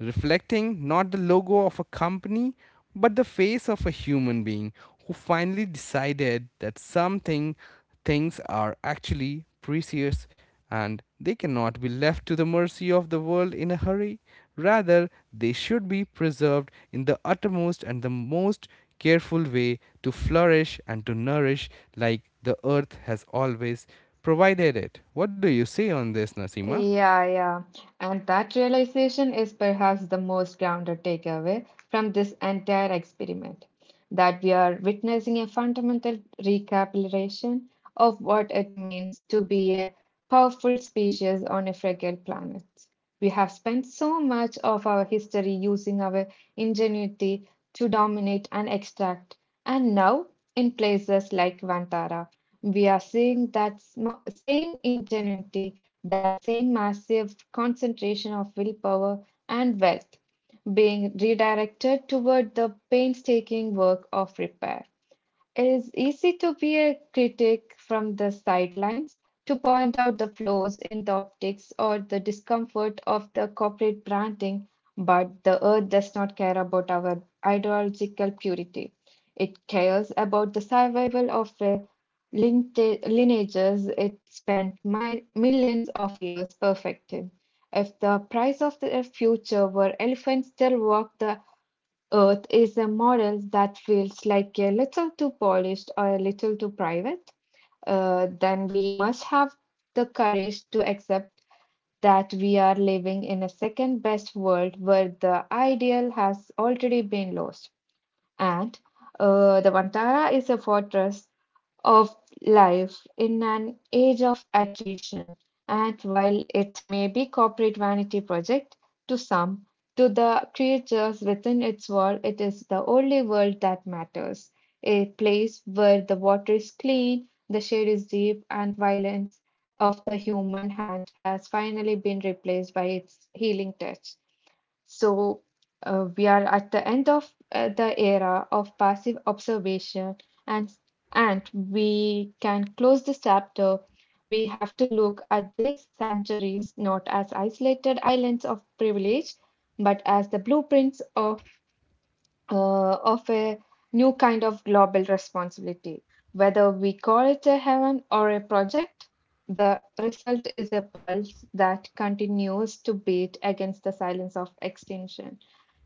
Speaker 1: reflecting not the logo of a company, but the face of a human being who finally decided that something things are actually precious and they cannot be left to the mercy of the world in a hurry. Rather, they should be preserved in the uttermost and the most careful way to flourish and to nourish, like the earth has always provided it. What do you say on this, Nasima?
Speaker 2: Yeah, yeah. And that realization is perhaps the most grounded takeaway from this entire experiment, that we are witnessing a fundamental recapitulation of what it means to be a powerful species on a fragile planet. We have spent so much of our history using our ingenuity to dominate and extract, and now, in places like Vantara, we are seeing that same ingenuity, that same massive concentration of willpower and wealth being redirected toward the painstaking work of repair. It is easy to be a critic from the sidelines, to point out the flaws in the optics or the discomfort of the corporate branding, but the earth does not care about our ideological purity. It cares about the survival of a lineages it spent millions of years perfecting. If the price of the future were elephants still walk the Earth is a model that feels like a little too polished or a little too private, then we must have the courage to accept that we are living in a second best world where the ideal has already been lost. And the Vantara is a fortress of life in an age of attrition. And while it may be corporate vanity project to some, to the creatures within its wall, it is the only world that matters. A place where the water is clean, the shade is deep, and violence of the human hand has finally been replaced by its healing touch. So we are at the end of the era of passive observation, and we can close this chapter. We have to look at these sanctuaries not as isolated islands of privilege, but as the blueprints of a new kind of global responsibility. Whether we call it a heaven or a project, the result is a pulse that continues to beat against the silence of extinction.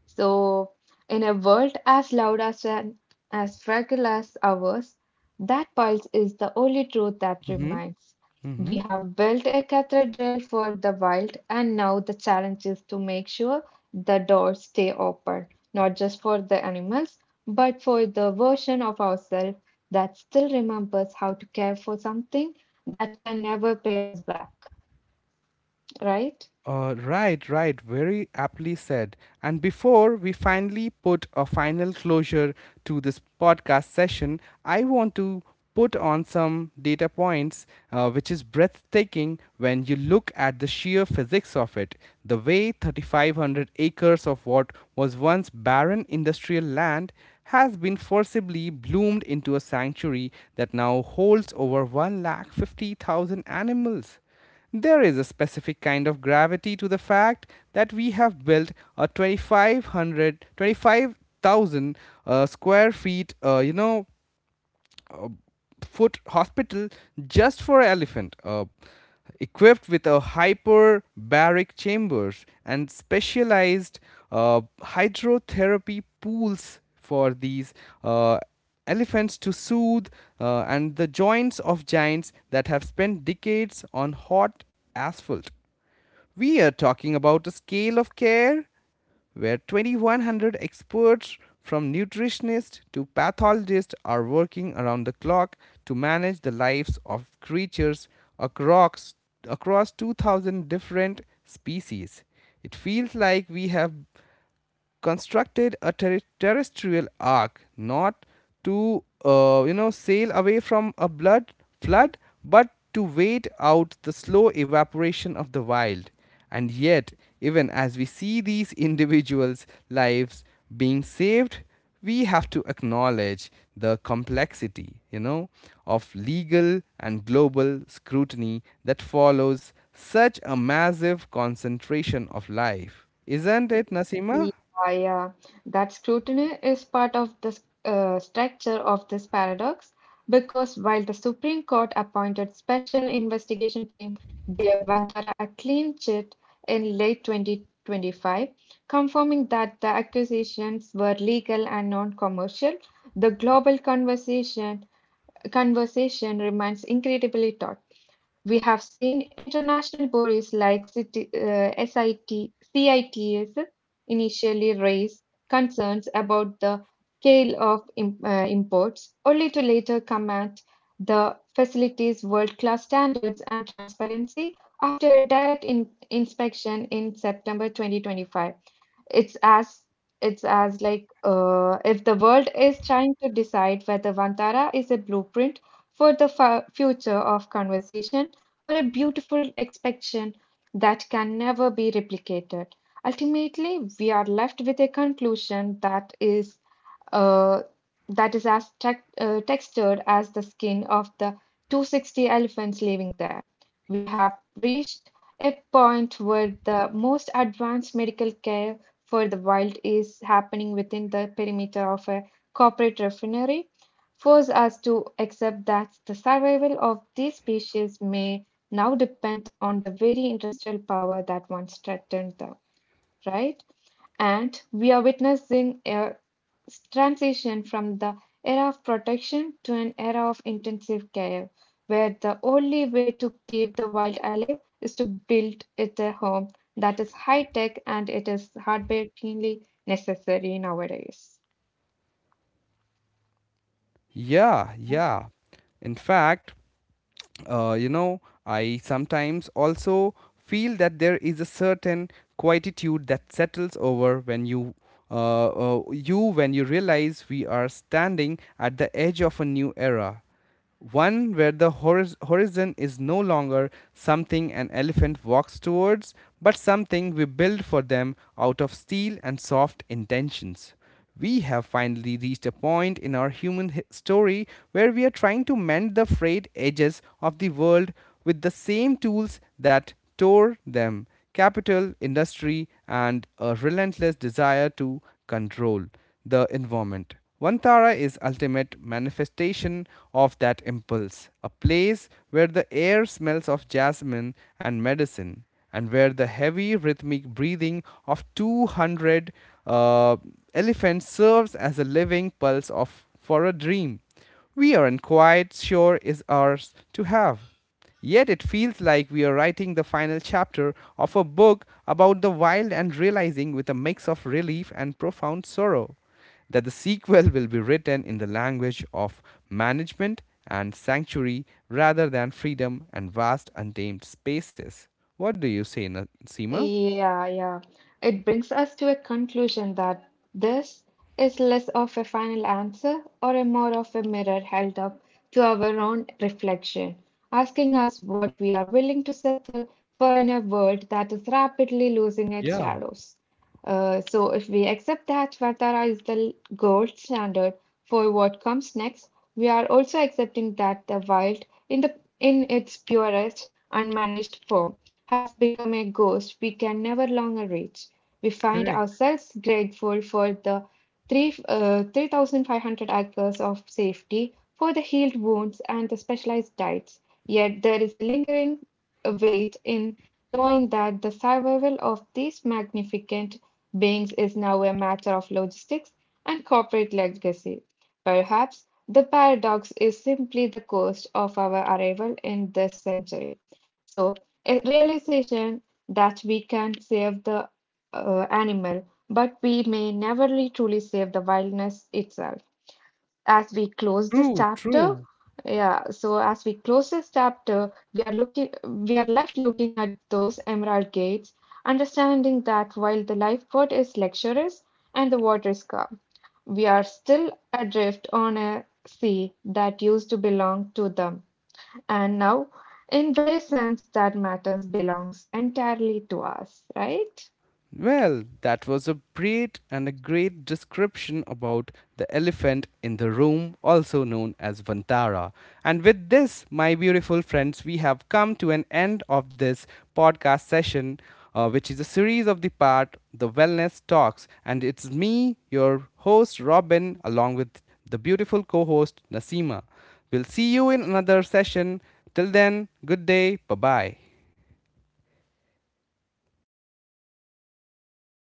Speaker 2: So, in a world as loud as an, as fragile as ours, that pulse is the only truth that
Speaker 1: Mm-hmm.
Speaker 2: remains. We
Speaker 1: Mm-hmm.
Speaker 2: have built a cathedral for the wild, and now the challenge is to make sure the doors stay open, not just for the animals, but for the version of ourselves that still remembers how to care for something that can never pay us back, right?
Speaker 1: Right, right, very aptly said. And before we finally put a final closure to this podcast session, I want to put on some data points which is breathtaking when you look at the sheer physics of it. The way 3,500 acres of what was once barren industrial land has been forcibly bloomed into a sanctuary that now holds over 150,000 animals. There is a specific kind of gravity to the fact that we have built a 25,000 square feet, you know, foot hospital just for elephant, equipped with a hyperbaric chambers and specialized hydrotherapy pools for these uh, elephants to soothe and the joints of giants that have spent decades on hot asphalt. We are talking about a scale of care where 2,100 experts, from nutritionists to pathologists, are working around the clock to manage the lives of creatures across across 2000 different species. It feels like we have constructed a terrestrial ark, not to sail away from a blood flood but to wait out the slow evaporation of the wild. And yet, even as we see these individuals lives being saved, we have to acknowledge the complexity, of legal and global scrutiny that follows such a massive concentration of life, isn't it, Nasima?
Speaker 2: Yeah, yeah. That scrutiny is part of the structure of this paradox because while the Supreme Court appointed special investigation team gave Vantara a clean chit in late 2025, confirming that the accusations were legal and non-commercial, the global conversation remains incredibly taut. We have seen international bodies like SIT, CITS initially raise concerns about the scale of imports, only to later comment the facility's world-class standards and transparency after a direct inspection in September 2025. It's as it's as like if the world is trying to decide whether Vantara is a blueprint for the future of conversation or a beautiful expression that can never be replicated. Ultimately, we are left with a conclusion uh, that is as textured as the skin of the 260 elephants living there. We have reached a point where the most advanced medical care for the wild is happening within the perimeter of a corporate refinery, force us to accept that the survival of these species may now depend on the very industrial power that once threatened them, right? And we are witnessing a transition from the era of protection to an era of intensive care, where the only way to keep the wild alive is to build it a home that is high tech and it is heartbreakingly necessary nowadays.
Speaker 1: Yeah, yeah. In fact, I sometimes also feel that there is a certain quietude that settles over when you. Uh, when you realize we are standing at the edge of a new era, one where the horizon is no longer something an elephant walks towards, but something we build for them out of steel and soft intentions. We have finally reached a point in our human story where we are trying to mend the frayed edges of the world with the same tools that tore them: capital, industry, and a relentless desire to control the environment. Vantara is ultimate manifestation of that impulse, a place where the air smells of jasmine and medicine, and where the heavy rhythmic breathing of 200 uh, elephants serves as a living pulse of for a dream we aren't quite sure is ours to have. Yet it feels like we are writing the final chapter of a book about the wild and realizing with a mix of relief and profound sorrow that the sequel will be written in the language of management and sanctuary rather than freedom and vast untamed spaces. What do you say, Seema?
Speaker 2: Yeah, yeah. It brings us to a conclusion that this is less of a final answer or a more of a mirror held up to our own reflection, asking us what we are willing to settle for in a world that is rapidly losing its
Speaker 1: Yeah,
Speaker 2: shadows. So, if we accept that Vatara is the gold standard for what comes next, we are also accepting that the wild, in its purest, unmanaged form, has become a ghost we can never longer reach. We find
Speaker 1: correct.
Speaker 2: ourselves grateful for the 3,500 acres of safety, for the healed wounds and the specialized diets. Yet there is a lingering weight in knowing that the survival of these magnificent beings is now a matter of logistics and corporate legacy. Perhaps the paradox is simply the cost of our arrival in this century. So, a realization that we can save the animal, but we may never really truly save the wildness itself. As we close this
Speaker 1: True,
Speaker 2: chapter,
Speaker 1: true.
Speaker 2: as we close this chapter, we are left looking at those emerald gates, understanding that while the lifeboat is luxurious and the water is calm, we are still adrift on a sea that used to belong to them. And now, in very sense, that matters belongs entirely to us, right?
Speaker 1: Well, that was a great and a great description about the elephant in the room, also known as Vantara. And with this, my beautiful friends, we have come to an end of this podcast session, which is a series of the part The Wellness Talks. And it's me, your host, Robin, along with the beautiful co host, Nasima. We'll see you in another session. Till then, good day. Bye bye.